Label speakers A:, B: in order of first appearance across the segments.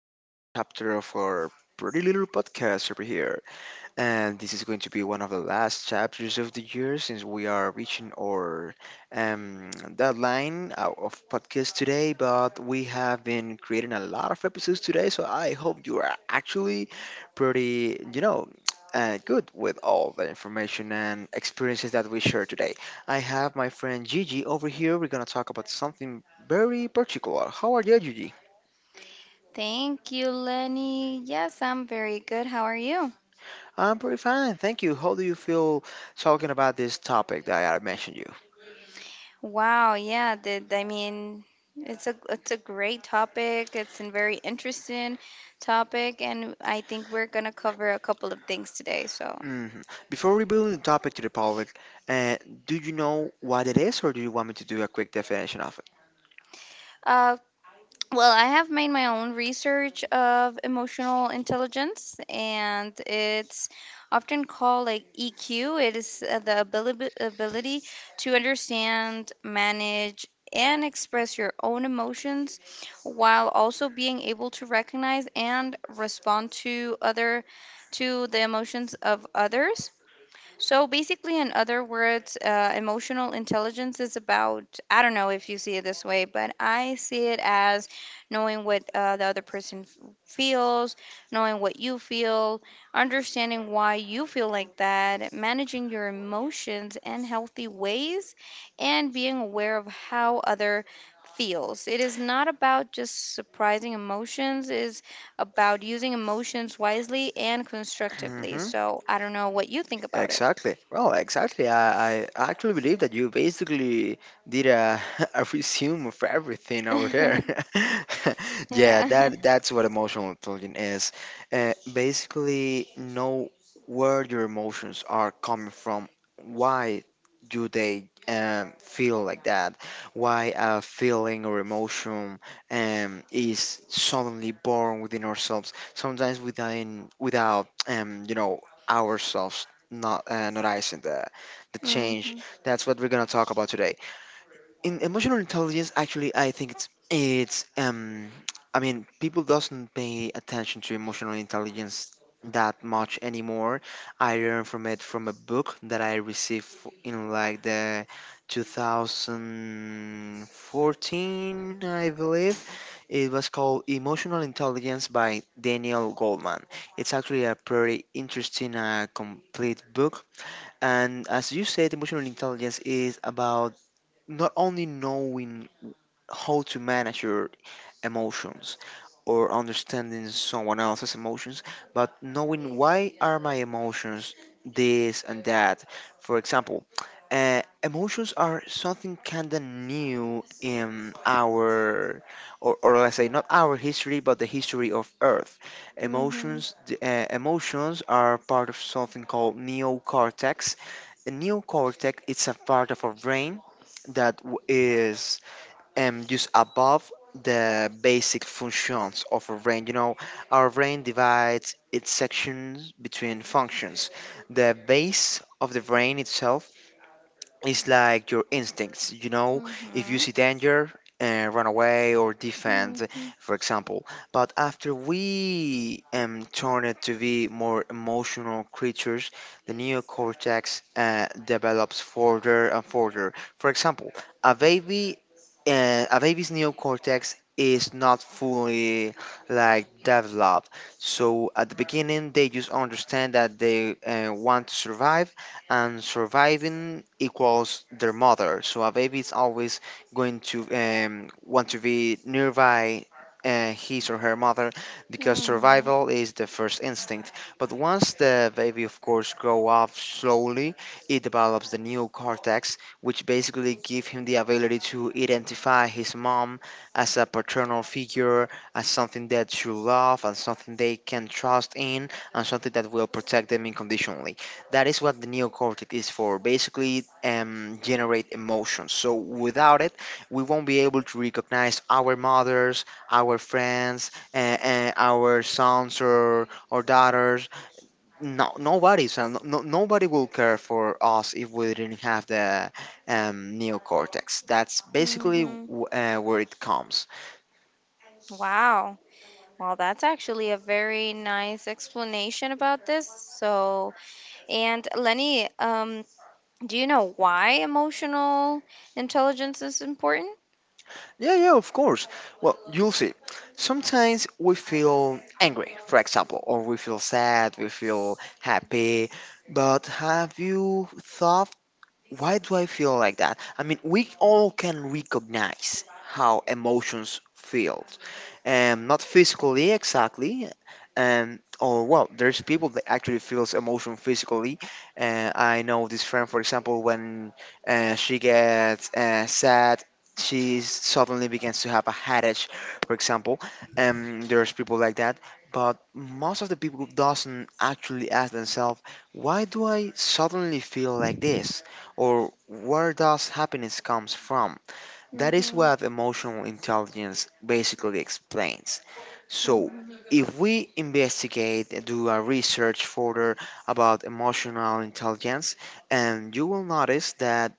A: Another chapter of our pretty little podcast over here. And this is going to be one of the last chapters of the year since we are reaching our deadline out of podcast today. But we have been creating a lot of episodes today, so I hope you are actually pretty, good with all the information and experiences that we share today. I have my friend Gigi over here. We're gonna talk about something very particular. How are you, Gigi?
B: Thank you, Lenny. Yes, I'm very good. How are you?
A: I'm pretty fine, thank you. How do you feel talking about this topic that I mentioned you?
B: Wow, yeah, I mean, it's a great topic. It's a very interesting topic, and I think we're gonna cover a couple of things today. So,
A: Mhm. Before revealing the topic to the public, uh, do you know what it is, or do you want me to do a quick definition of it?
B: uh, well, I have made my own research of emotional intelligence, and it's often called like EQ. It is the ability to understand, manage, and express your own emotions, while also being able to recognize and respond to other to the emotions of others. So basically, in other words, emotional intelligence is about, I don't know if you see it this way, but I see it as knowing what the other person feels, knowing what you feel, understanding why you feel like that, managing your emotions in healthy ways, and being aware of how other feels. It is not about just surprising emotions, is about using emotions wisely and constructively.
A: hmm.
B: So I don't know what you think about it.
A: Exactly. Well, exactly. I actually believe that you basically did a, a resume of everything over there. Yeah,
B: Yeah.
A: that's what emotional intelligence is. Basically, know where your emotions are coming from, why do they feel like that, why a feeling or emotion is suddenly born within ourselves, sometimes within without ourselves not noticing the change.
B: Mhm.
A: That's what we're gonna talk about today. In emotional intelligence, actually, I think people doesn't pay attention to emotional intelligence that much anymore. I learned from it from a book that I received in like the 2014, I believe. It was called Emotional Intelligence by Daniel Goldman. It's actually a pretty interesting, complete book, and as you said, emotional intelligence is about not only knowing how to manage your emotions or understanding someone else's emotions, but knowing why are my emotions this and that. For example, emotions are something kind of new in our, or let's say not our history, but the history of Earth.
B: Mhm.
A: Emotions, emotions are part of something called neocortex. The neocortex it's a part of our brain that is just above the basic functions of a brain. You know, our brain divides its sections between functions. The base of the brain itself it's like your instincts, you know, if you
B: Mhm.
A: see danger, run away or defend,
B: Mhm.
A: for example. But after we turn it to be more emotional creatures, the neocortex develops further and further. For example, a baby, a baby's neocortex is not fully like developed. So at the beginning, they just understand that they want to survive, and surviving equals their mother. So a baby is always going to want to be nearby his or her mother because
B: Mhm.
A: survival is the first instinct. But once the baby, of course, grow up slowly, it develops the neocortex, which basically give him the ability to identify his mom as a paternal figure, as something that you love, and something they can trust in, and something that will protect them unconditionally. That is what the neocortex is for, basically generate emotions. So without it, we won't be able to recognize our mothers, our friends, our sons or daughters. No, nobody, so no, no- nobody will care for us if we didn't have the neocortex. That's basically
B: Mhm.
A: where it comes.
B: Wow. Well, that's actually a very nice explanation about this. So, and Lenny, do you know why emotional intelligence is important?
A: Yeah, yeah, of course. Well, you'll see. Sometimes we feel angry, for example, or we feel sad, we feel happy. But have you thought why do I feel like that? I mean, we all can recognize how emotions feel, not physically exactly, or well, there's people that actually feels emotion physically. I know this friend, for example, when she gets sad, she suddenly begins to have a headache, for example. There's people like that, but most of the people doesn't actually ask themselves, why do I suddenly feel like this? Or where does happiness comes from? That is
B: Mhm.
A: what emotional intelligence basically explains. So
B: Mhm.
A: if we investigate and do a research further about emotional intelligence, and you will notice that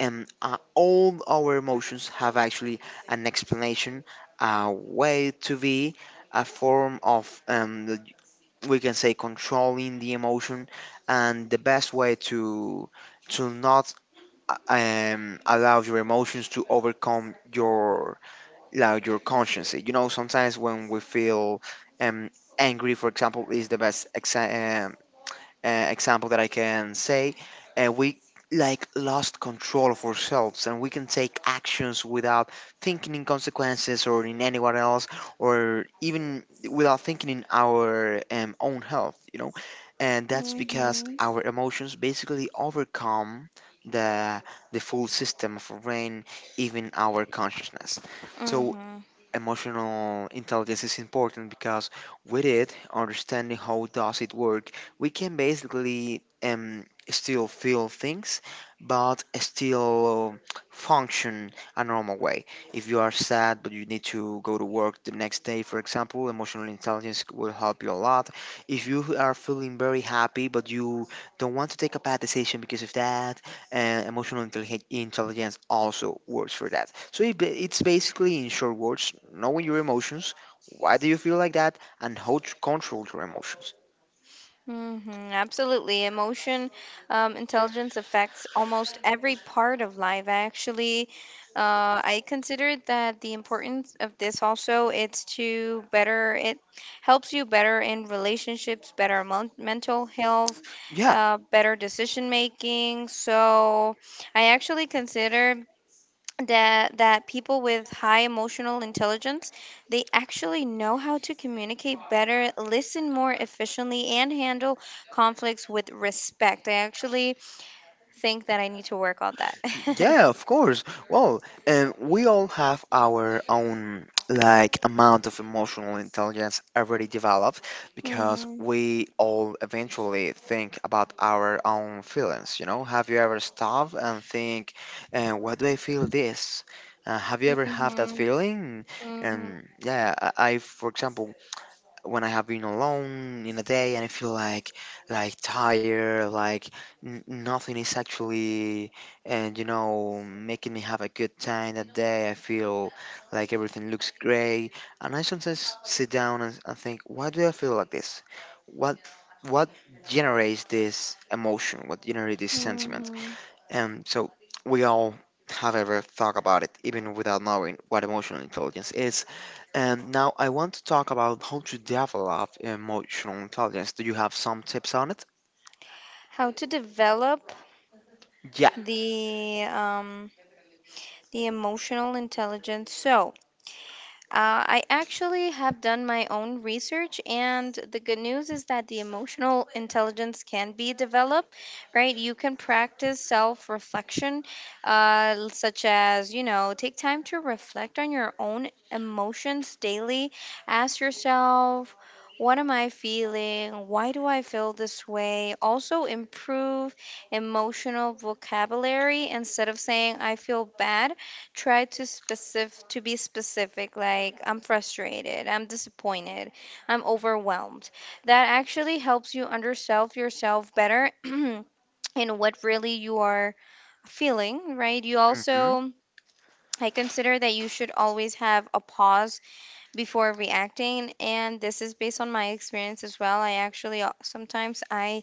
A: all our emotions have actually an explanation, a way to be, a form of we can say controlling the emotion and the best way to not allow your emotions to overcome your like your conscience. You know, sometimes when we feel um, angry, for example, is the best example that I can say, we like lost control of ourselves and we can take actions without thinking in consequences or in anyone else or even without thinking in our own health, you know, and that's because
B: Mhm.
A: our emotions basically overcome the full system of our brain, even our consciousness. So
B: Mhm.
A: emotional intelligence is important because with it, understanding how does it work, we can basically still feel things, but still function a normal way. If you are sad but you need to go to work the next day, for example, emotional intelligence will help you a lot. If you are feeling very happy but you don't want to take a bad decision because of that, and intelligence also works for that. So it's basically, in short words, knowing your emotions, why do you feel like that, and how to control your emotions.
B: Mm-hmm, absolutely. Emotion intelligence affects almost every part of life. Actually, I consider that the importance of this also it's to better it helps you better in relationships, better mental health,
A: Yeah,
B: better decision making. So I actually consider that people with high emotional intelligence, they actually know how to communicate better, listen more efficiently, and handle conflicts with respect. I actually think that I need to work on that.
A: yeah, of course. Well, and we all have our own like amount of emotional intelligence already developed because
B: Hmm.
A: we all eventually think about our own feelings, you know? Have you ever stopped and think, why do I feel this? Have you ever
B: Hmm.
A: had that feeling?
B: Hmm.
A: And yeah, I for example, when I have been alone in a day and I feel like tired, like n nothing is actually and you know making me have a good time that day. I feel like everything looks great, and I sometimes sit down and think, why do I feel like this? What what generates this emotion? What generates this sentiment?
B: Hmm.
A: And so we all have ever thought about it, even without knowing what emotional intelligence is. And now I want to talk about how to develop emotional intelligence. Do you have some tips on it?
B: How to develop
A: Yeah.
B: the um the emotional intelligence, so, I actually have done my own research, and the good news is that the emotional intelligence can be developed, right? You can practice self reflection, such as, take time to reflect on your own emotions daily. Ask yourself, what am I feeling? Why do I feel this way? Also, improve emotional vocabulary. Instead of saying, I feel bad, try to be specific, like, I'm frustrated, I'm disappointed, I'm overwhelmed. That actually helps you understand yourself better and what really you are feeling, right? You
A: Hmm.
B: also, I consider that you should always have a pause before reacting, and this is based on my experience as well. I actually, sometimes I,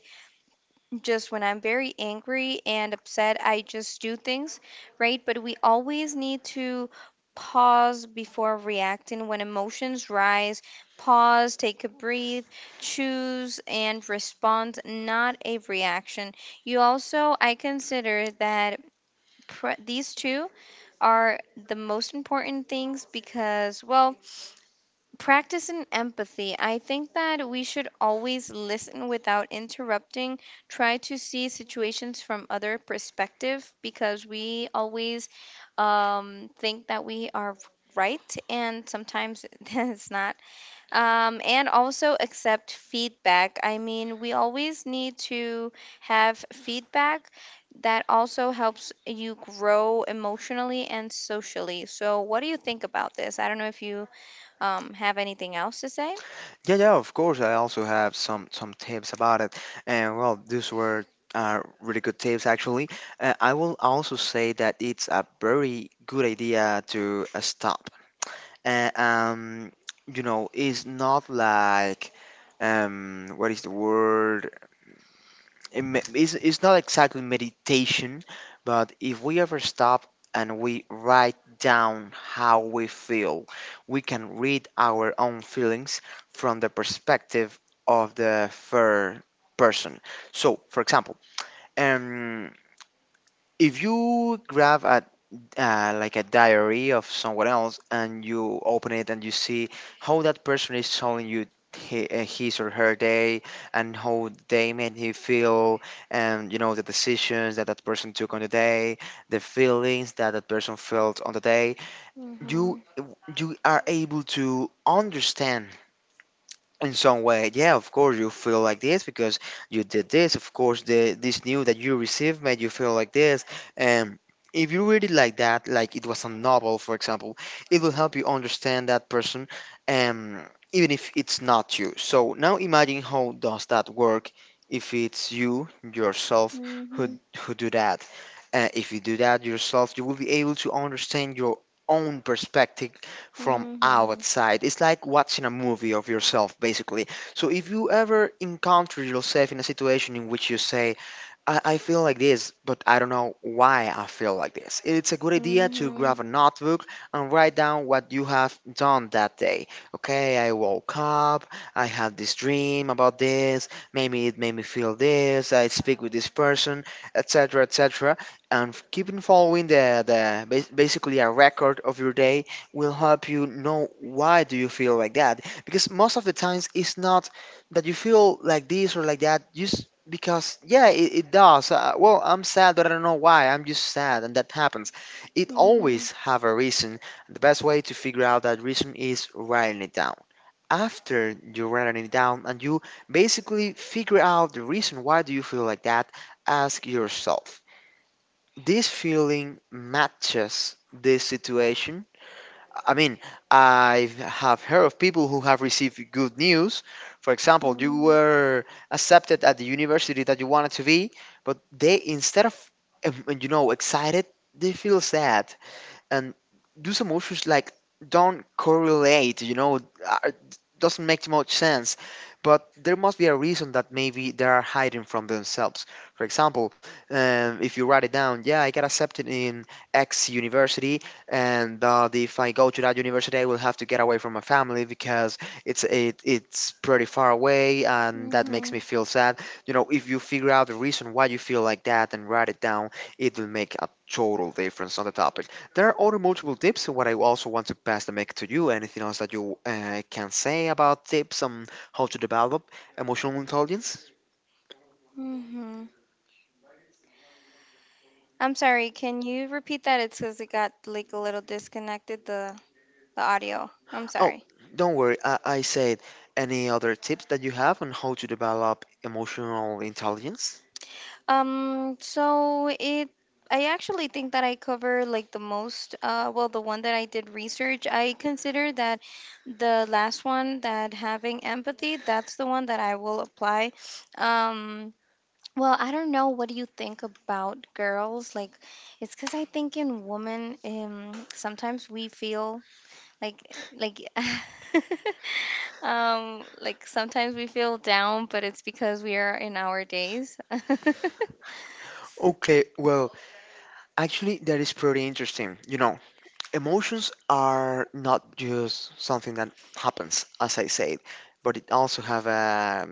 B: just when I'm very angry and upset, I just do things, right? But we always need to pause before reacting when emotions rise. Pause, take a breath, choose and respond, not a reaction. You also, I consider that these two are the most important things because, well, practice and empathy. I think that we should always listen without interrupting, try to see situations from other perspective, because we always think that we are right, and sometimes it's not. And also accept feedback. I mean, we always need to have feedback. That also helps you grow emotionally and socially. So, what do you think about this? I don't know if you have anything else to say.
A: Yeah, yeah, of course. I also have some tips about it, and well, these were really good tips actually. I will also say that it's a very good idea to stop uh, um it's not like what is the word. It's not exactly meditation, but if we ever stop and we write down how we feel, we can read our own feelings from the perspective of the third person. So for example, um, if you grab a like a diary of someone else and you open it and you see how that person is telling you his or her day, and how they made you feel, and you know the decisions that that person took on the day, the feelings that that person felt on the day,
B: Mhm.
A: you you are able to understand in some way, yeah, of course you feel like this because you did this, of course the this news that you received made you feel like this. And if you read it like that like it was a novel, for example, it will help you understand that person, um, even if it's not you. So now imagine how does that work if it's you yourself who
B: Mhm.
A: who do that. If you do that yourself you will be able to understand your own perspective from
B: Mhm.
A: outside. It's like watching a movie of yourself, basically. So if you ever encounter yourself in a situation in which you say, I feel like this, but I don't know why I feel like this. It's a good
B: Mhm.
A: idea to
B: Mhm.
A: grab a notebook and write down what you have done that day. Okay, I woke up, I had this dream about this, maybe it made me feel this, I speak with this person, etc., etc. And keeping following basically a record of your day will help you know why do you feel like that. Because most of the times it's not that you feel like this or like that just because. Yeah, it does, well, I'm sad but I don't know why, I'm just sad, and that happens. It
B: Mhm.
A: always have a reason. The best way to figure out that reason is writing it down. After you writing it down and you basically figure out the reason why do you feel like that, ask yourself, this feeling matches this situation? I mean, I have heard of people who have received good news. For example, you were accepted at the university that you wanted to be, but they instead of excited, they feel sad and those emotions like don't correlate, doesn't make much sense. But there must be a reason that maybe they are hiding from themselves. For example, if you write it down, yeah, I got accepted in X university, and that if I go to that university I will have to get away from my family because it's pretty far away and that makes me feel sad. You know, if you figure out the reason why you feel like that and write it down, it will make a total difference on the topic. There are other multiple tips. What I also want to pass the mic to you. Anything else that you can say about tips on how to develop emotional intelligence?
B: Mhm. Mhm. I'm sorry, can you repeat that? It's because it got like a little disconnected, the audio. I'm
A: Oh,
B: sorry.
A: don't worry. I said, any other tips that you have on how to develop emotional intelligence?
B: So it I actually think that I cover like the most, well, the one that I did research. I consider that the last one, that having empathy, that's the one that I will apply. Um well, I don't know, what do you think about girls? Like, it's cuz I think in women, sometimes we feel like, like like, sometimes we feel down, but it's because we are in our days.
A: Okay, well, actually, that is pretty interesting. You know, emotions are not just something that happens, as I said, but it also have a,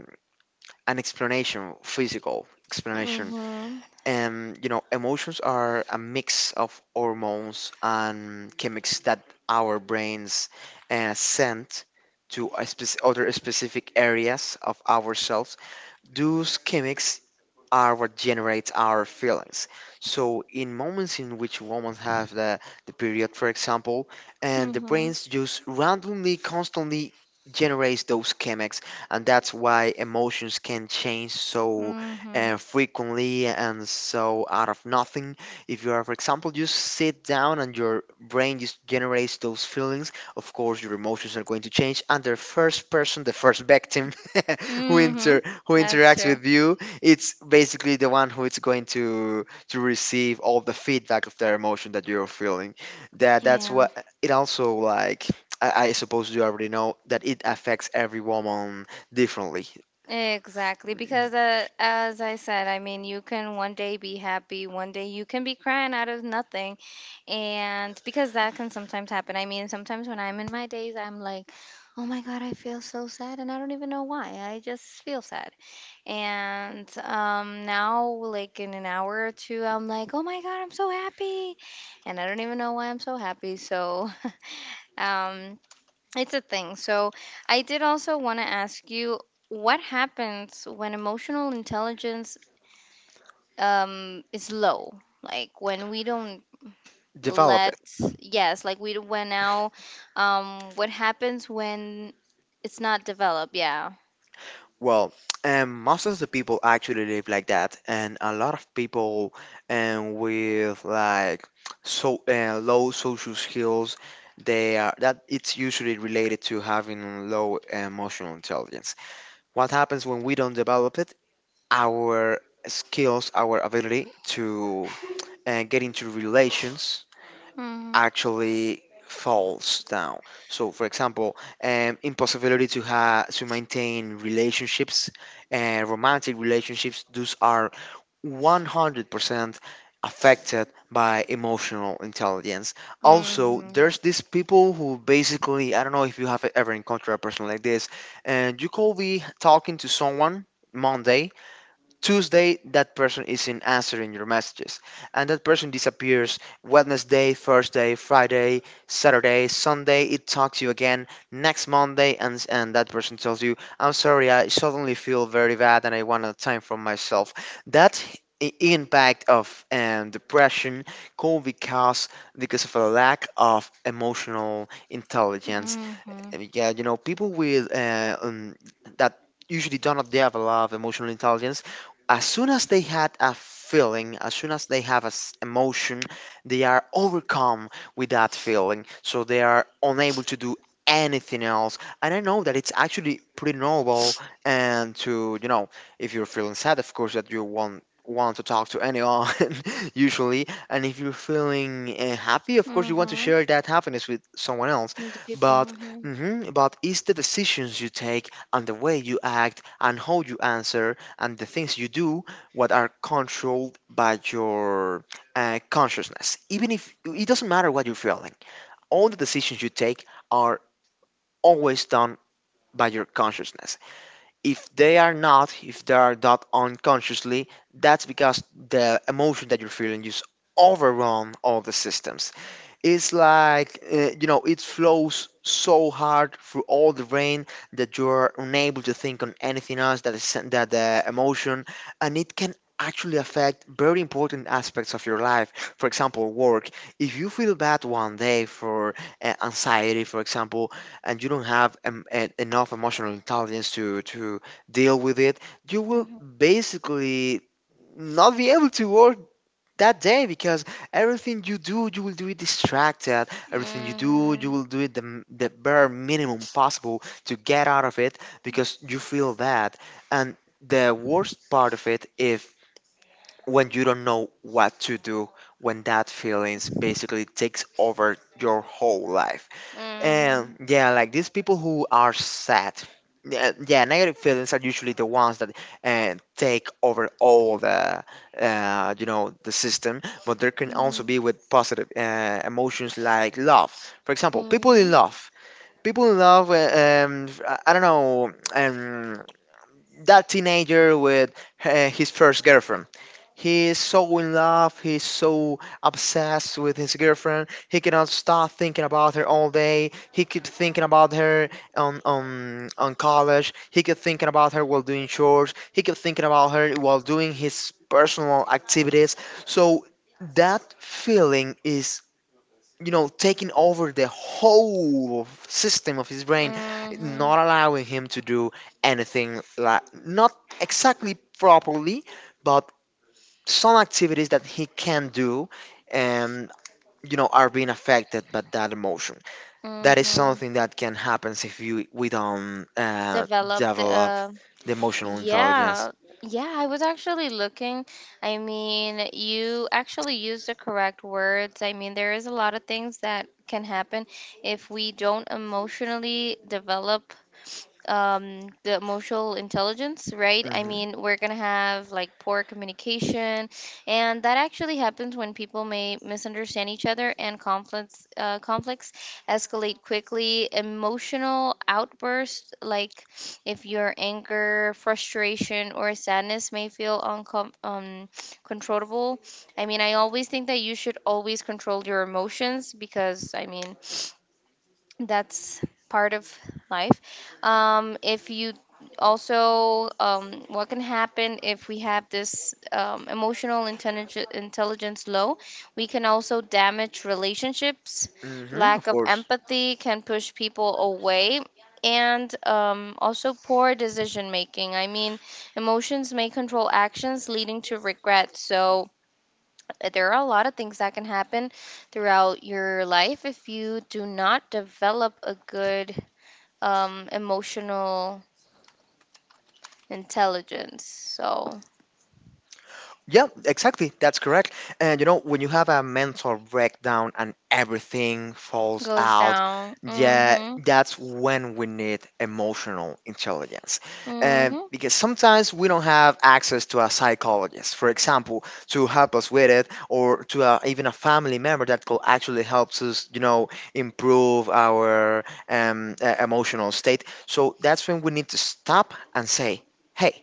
A: an explanation, physical explanation.
B: Hmm.
A: And you know, emotions are a mix of hormones and chemics that our brains send to a other specific areas of ourselves. Those chemics are what generates our feelings. So in moments in which women have the period, for example, and the
B: Hmm.
A: brains just randomly, constantly generates those chemics, and that's why emotions can change so
B: Hmm.
A: frequently and so out of nothing. If you are, for example, just sit down and your brain just generates those feelings, of course your emotions are going to change, and the first victim
B: Hmm.
A: who
B: That's
A: interacts
B: true.
A: with you, it's basically the one who is going to receive all the feedback of their emotion that you're feeling. That's
B: Yeah.
A: what it also like. I suppose you already know that it affects every woman differently.
B: Exactly, because as I said, I mean, you can one day be happy, one day you can be crying out of nothing. And because that can sometimes happen. I mean, sometimes when I'm in my days, I'm like, oh my God, I feel so sad. And I don't even know why. I just feel sad. And, now, like in an hour or two, I'm like, oh my God, I'm so happy. And I don't even know why I'm so happy. So um, it's a thing. So, I did also want to ask you, what happens when emotional intelligence is low? Like when we don't,
A: Develop
B: let,
A: it.
B: yes, like we, when now, what happens when it's not developed? Yeah.
A: Well, most of the people actually live like that, and a lot of people with like so low social skills, they are that it's usually related to having low emotional intelligence. What happens when we don't develop it, our skills, our ability to get into relations
B: Mm-hmm.
A: actually falls down. So, for example, impossibility to have to maintain relationships, romantic relationships. Those are 100% affected by emotional intelligence. Also,
B: Mm-hmm.
A: there's these people who basically, I don't know if you have ever encountered a person like this, and you could be talking to someone Monday, Tuesday, that person isn't answering your messages, and that person disappears. Wednesday, Thursday, Friday, Saturday, Sunday, it talks to you again. Next Monday, and that person tells you, "I'm sorry, I suddenly feel very bad, and I want a time for myself." That impact of depression could be caused because of a lack of emotional intelligence.
B: Mm-hmm.
A: Yeah, you know, people with that usually do not have a lot of emotional intelligence, as soon as they had a feeling, as soon as they have an emotion, they are overcome with that feeling. So they are unable to do anything else. And I know that it's actually pretty normal, and to, you know, if you're feeling sad, of course, that you want to talk to anyone usually, and if you're feeling happy, of course you want to
B: Mm-hmm.
A: share that happiness with someone else.
B: The people.
A: But
B: Mm-hmm.
A: but it's the decisions you take and the way you act and how you answer and the things you do, what are controlled by your consciousness. Even if it doesn't matter what you're feeling, all the decisions you take are always done by your consciousness. If they are not, if they are done unconsciously, that's because the emotion that you're feeling just overrun all the systems. It's like, you know, it flows so hard through all the brain that you're unable to think on anything else that is that the emotion. And it can actually affect very important aspects of your life. For example, work. If you feel bad one day for anxiety, for example, and you don't have enough emotional intelligence to deal with it, you will
B: Mm-hmm.
A: basically not be able to work that day because everything you do, you will do it distracted. Everything you do, you will do it the, the bare minimum possible to get out of it because you feel that. And the worst part of it is when you don't know what to do, when that feelings basically takes over your whole life.
B: Mm-hmm.
A: And
B: Mm-hmm.
A: yeah, like these people who are sad, yeah, yeah, negative feelings are usually the ones that take over all the, you know, the system. But there can also
B: Mm-hmm.
A: be with positive emotions like love. For example, people
B: Mm-hmm.
A: in love. People in love, I don't know, that teenager with his first girlfriend. He is so in love, he's so obsessed with his girlfriend. He cannot stop thinking about her all day. He keeps thinking about her on college. He keeps thinking about her while doing chores. He keeps thinking about her while doing his personal activities. So that feeling is, you know, taking over the whole system of his brain,
B: Mm-hmm.
A: not allowing him to do anything like, not exactly properly, but some activities that he can do and, you know, are being affected by that emotion. That is
B: Mm-hmm.
A: something that can happen if you, we don't
B: Developed,
A: develop the emotional intelligence.
B: yeah. Yeah, I was actually looking, I mean you actually used the correct words. I mean, there is a lot of things that can happen if we don't emotionally develop, the emotional intelligence, right? I
A: Hmm.
B: mean, we're gonna have like poor communication, and that actually happens when people may misunderstand each other and conflicts escalate quickly. Emotional outbursts, like if your anger, frustration, or sadness may feel controllable. I mean, I always think that you should always control your emotions, because, I mean, that's part of life. If you, also, what can happen if we have this, emotional intelligence low, we can also damage relationships.
A: Hmm,
B: Lack
A: of
B: of
A: course.
B: empathy can push people away, and, also poor decision making. I mean, emotions may control actions, leading to regret. So, there are a lot of things that can happen throughout your life if you do not develop a good, emotional intelligence. So,
A: Yeah, exactly. That's correct. And you know, when you have a mental breakdown and everything falls
B: goes
A: out,
B: down.
A: yeah,
B: Mm-hmm.
A: that's when we need emotional intelligence. And
B: Mm-hmm.
A: because sometimes we don't have access to a psychologist, for example, to help us with it, or to a, even a family member that could actually helps us, you know, improve our emotional state. So that's when we need to stop and say, "Hey.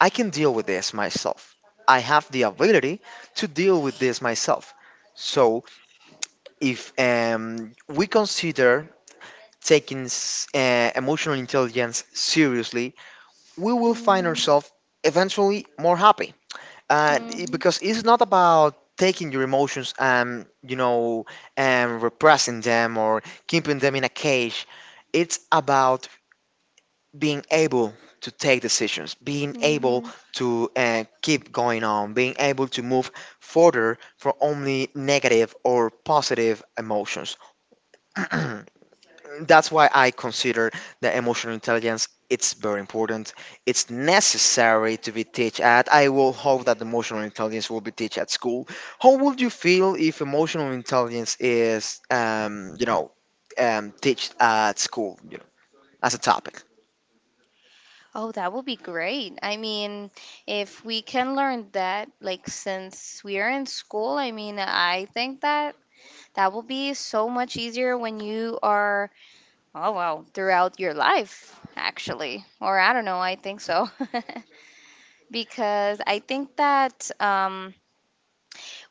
A: I can deal with this myself. I have the ability to deal with this myself." So, if we consider taking emotional intelligence seriously, we will find
B: Mm-hmm.
A: ourselves eventually more happy. Because
B: Mm-hmm.
A: it's not about taking your emotions and, you know, and repressing them or keeping them in a cage. It's about being able to take decisions, being able
B: Mm-hmm.
A: to keep going on, being able to move further from only negative or positive emotions. That's why I consider the emotional intelligence it's very important. It's necessary to be taught at. I will hope that emotional intelligence will be taught at school. How would you feel if emotional intelligence is, you know, taught at school, you know, as a topic?
B: Oh, that would be great. I mean, if we can learn that, like since we are in school, I mean, I think that will be so much easier when you are, Oh, wow. Throughout your life, actually. Or I don't know, I think so. Because I think that,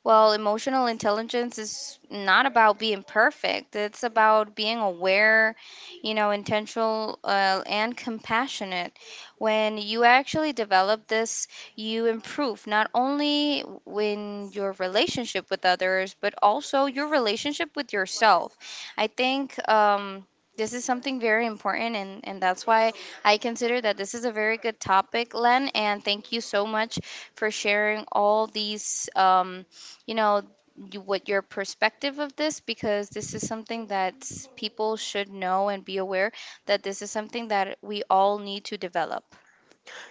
B: well, emotional intelligence is not about being perfect. It's about being aware, intentional, and compassionate. When you actually develop this, you improve not only in your relationship with others, but also your relationship with yourself. I think. This is something very important, and that's why I consider that this is a very good topic, Len. And thank you so much for sharing all these, you know what your perspective of this, because this is something that people should know and be aware, that this is something that we all need to develop.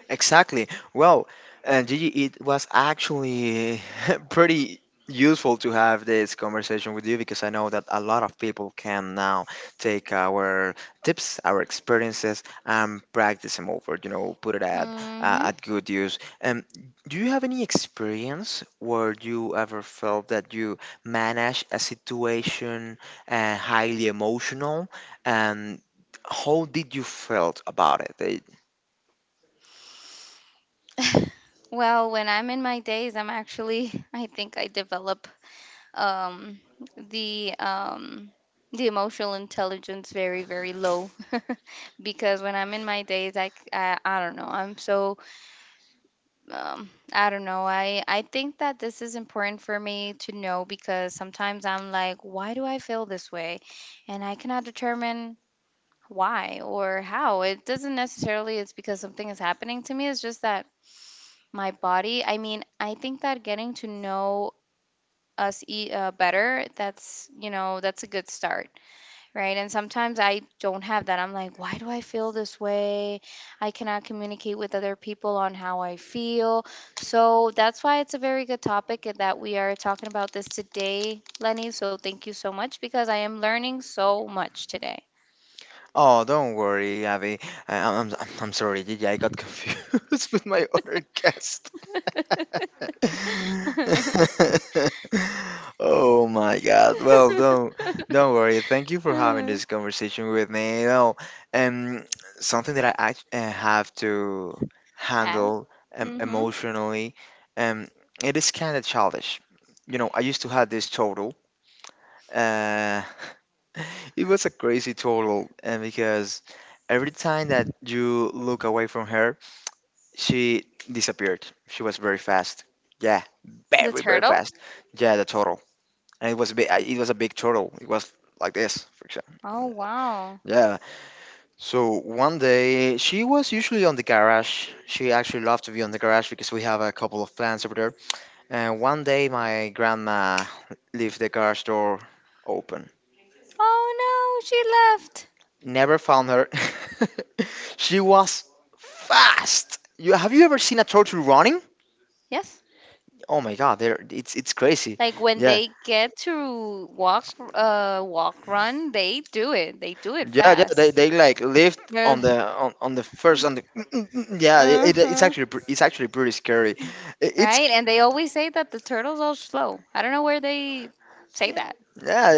A: Exactly. Well, Gigi, it was actually pretty useful to have this conversation with you because I know that a lot of people can now take our tips, our experiences, and practice them over. You know, put it
B: Hmm.
A: at good use. Do you have any experience where you ever felt that you managed a situation highly emotional, and how did you felt about it?
B: Well, when I'm in my days, I'm actually I think I develop, um, the um, the emotional intelligence very very low. Because when I'm in my days, I don't know, I'm so, I don't know. I think that this is important for me to know, because sometimes I'm like, why do I feel this way? And I cannot determine why or how. It doesn't necessarily it's because something is happening to me. It's just that my body, I mean, I think that getting to know us better, that's a good start. Right. And sometimes I don't have that. I'm like, why do I feel this way? I cannot communicate with other people on how I feel. So that's why it's a very good topic, and that we are talking about this today, Lenny. So thank you so much, because I am learning so much today.
A: Oh, don't worry, Abby. I'm sorry, Gigi. I got confused with my other guest. Oh my God. Well, don't worry. Thank you for having
B: Mm.
A: this conversation with me. You know, um, something that I have to
B: Add.
A: handle,
B: Mm-hmm.
A: emotionally, um, it is kind of childish. You know, I used to have this total. Uh, it was a crazy total, and because every time that you look away from her, she disappeared. She was very fast. Yeah,
B: The
A: very very
B: turtle.
A: fast. Yeah, the total, and it was a big, it was a big total. It was like this, for example.
B: Oh, wow.
A: Yeah. So one day she was usually on the garage. She actually loved to be on the garage because we have a couple of plants over there. And one day my grandma left the garage door open.
B: Oh, no. She left.
A: Never found her. She was fast. You have, you ever seen a turtle running?
B: Yes.
A: Oh my god, they're, it's crazy.
B: Like when
A: Yeah,
B: they get to walk, run, they do it. They do it
A: yeah, yeah. They,
B: fast.
A: they like lived
B: They're,
A: on the first on the yeah. It's
B: uh-huh.
A: actually it's actually pretty scary. It's,
B: Right? And they always say that the turtles are slow. I don't know where they say
A: yeah,
B: that.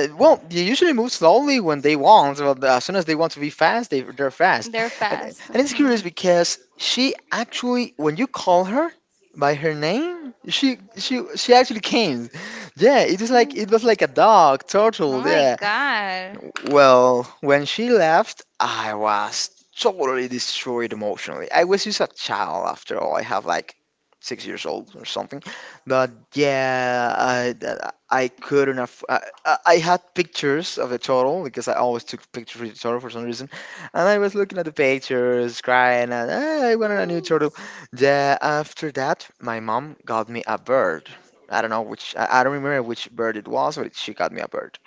A: yeah, well, they usually move slowly when they want. But as soon as they want to be fast, they're fast.
B: They're
A: And
B: fast.
A: it's curious
B: Mhm.
A: because she actually, when you call her by her name, she actually came. Yeah, it was like,
B: Mm.
A: it was like a dog,
B: Oh
A: turtle.
B: my
A: Yeah,
B: god.
A: well, when she left, I was totally destroyed emotionally. I was just a child after all. I have like 6 years old or something. But yeah, I couldn't. I had pictures of the turtle because I always took pictures of the turtle for some reason. And I was looking at the pictures, crying, and, "Ah, I wanted a new turtle." Yeah, after that, my mom got me a bird. I don't know which, I don't remember which bird it was, but she got me a bird.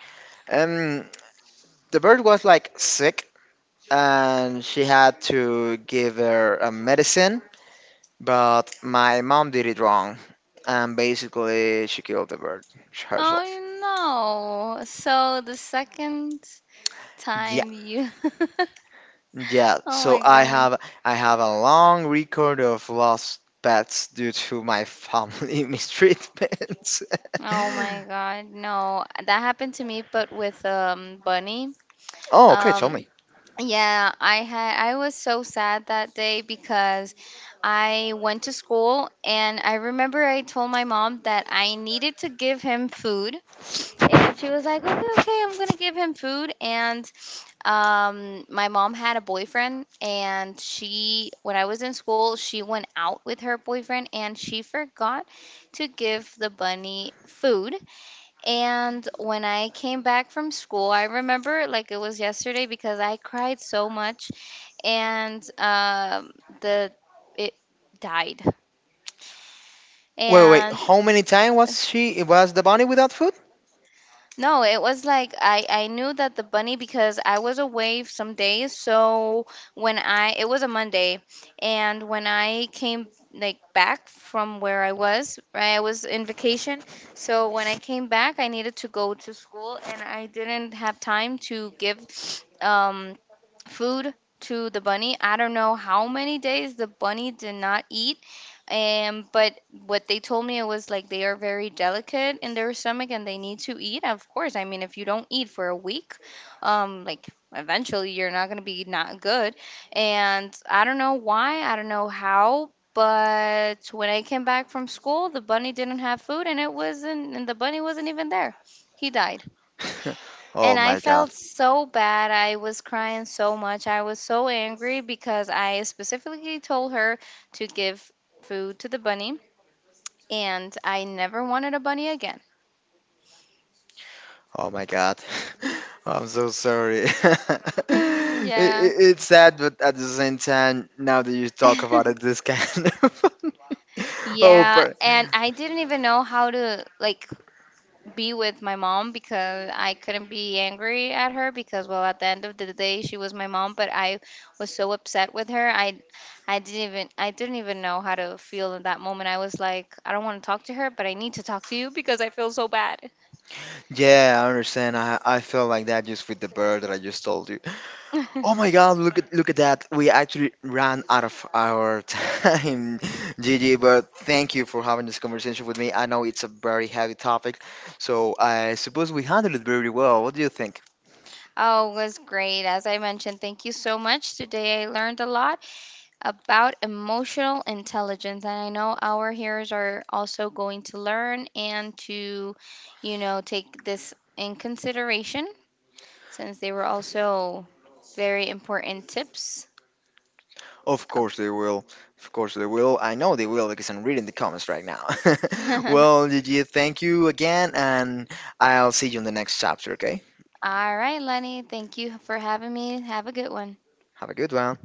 A: Um, the bird was like sick and she had to give her a medicine, but my mom did it wrong. And basically, she killed the bird herself.
B: Oh, no. So the second
A: Yeah,
B: time you,
A: yeah.
B: Oh
A: So
B: my
A: I
B: god.
A: have, I have a long record of lost pets due to my family mistreatments.
B: Oh my god. No, that happened to me but with, bunny.
A: Oh, okay. Tell
B: Um
A: me.
B: Yeah, I was so sad that day, because I went to school and I remember I told my mom that I needed to give him food, and she was like, "Okay, okay, I'm going to give him food." And, my mom had a boyfriend, and she, when I was in school, she went out with her boyfriend and she forgot to give the bunny food. And when I came back from school, I remember it like it was yesterday because I cried so much, and, the it died. Yeah.
A: Wait, wait, wait.
B: And
A: How many times was she? Was the bunny without food?
B: no, it was like I knew that the bunny, because I was away some days. So, when I it was a Monday, and when I came like back from where I was, right, I was in vacation. So when I came back, I needed to go to school, and I didn't have time to give, um food to the bunny. I don't know how many days the bunny did not eat. But what they told me, it was like they are very delicate in their stomach and they need to eat. Of course, I mean, if you don't eat for a week, like, eventually you're not gonna be not good. And I don't know why, I don't know how, but when I came back from school, the bunny didn't have food, and it wasn't, and the bunny wasn't even there. He died.
A: Oh
B: And I
A: my god.
B: felt so bad. I was crying so much. I was so angry because I specifically told her to give food to the bunny, and I never wanted a bunny again.
A: Oh my God. I'm so sorry. it,
B: Mm,
A: it,
B: yeah.
A: it's sad, but at the same time, now that you talk about it, this kind of. Oh,
B: Yeah,
A: but
B: and I didn't even know how to like be with my mom, because I couldn't be angry at her, because, well, at the end of the day she was my mom, but I was so upset with her. I didn't even know how to feel in that moment. I was like, I don't want to talk to her, but I need to talk to you because I feel so bad.
A: yeah, I understand. I feel like that just with the bird that I just told you. Oh my God! Look at, look at that. We actually ran out of our time, Gigi. But thank you for having this conversation with me. I know it's a very heavy topic, so I suppose we handled it very well. What do you think?
B: Oh, it was great, as I mentioned. Thank you so much. Today I learned a lot about emotional intelligence, and I know our hearers are also going to learn, and to, take this in consideration, since they were also very important tips.
A: Of course they will. Of course they will. I know they will because I'm reading the comments right now.
B: All
A: Well, Gigi, thank you again, and I'll see you in the next chapter, okay?
B: right, Lenny, thank you for having me. Have a good one.
A: Have a good one.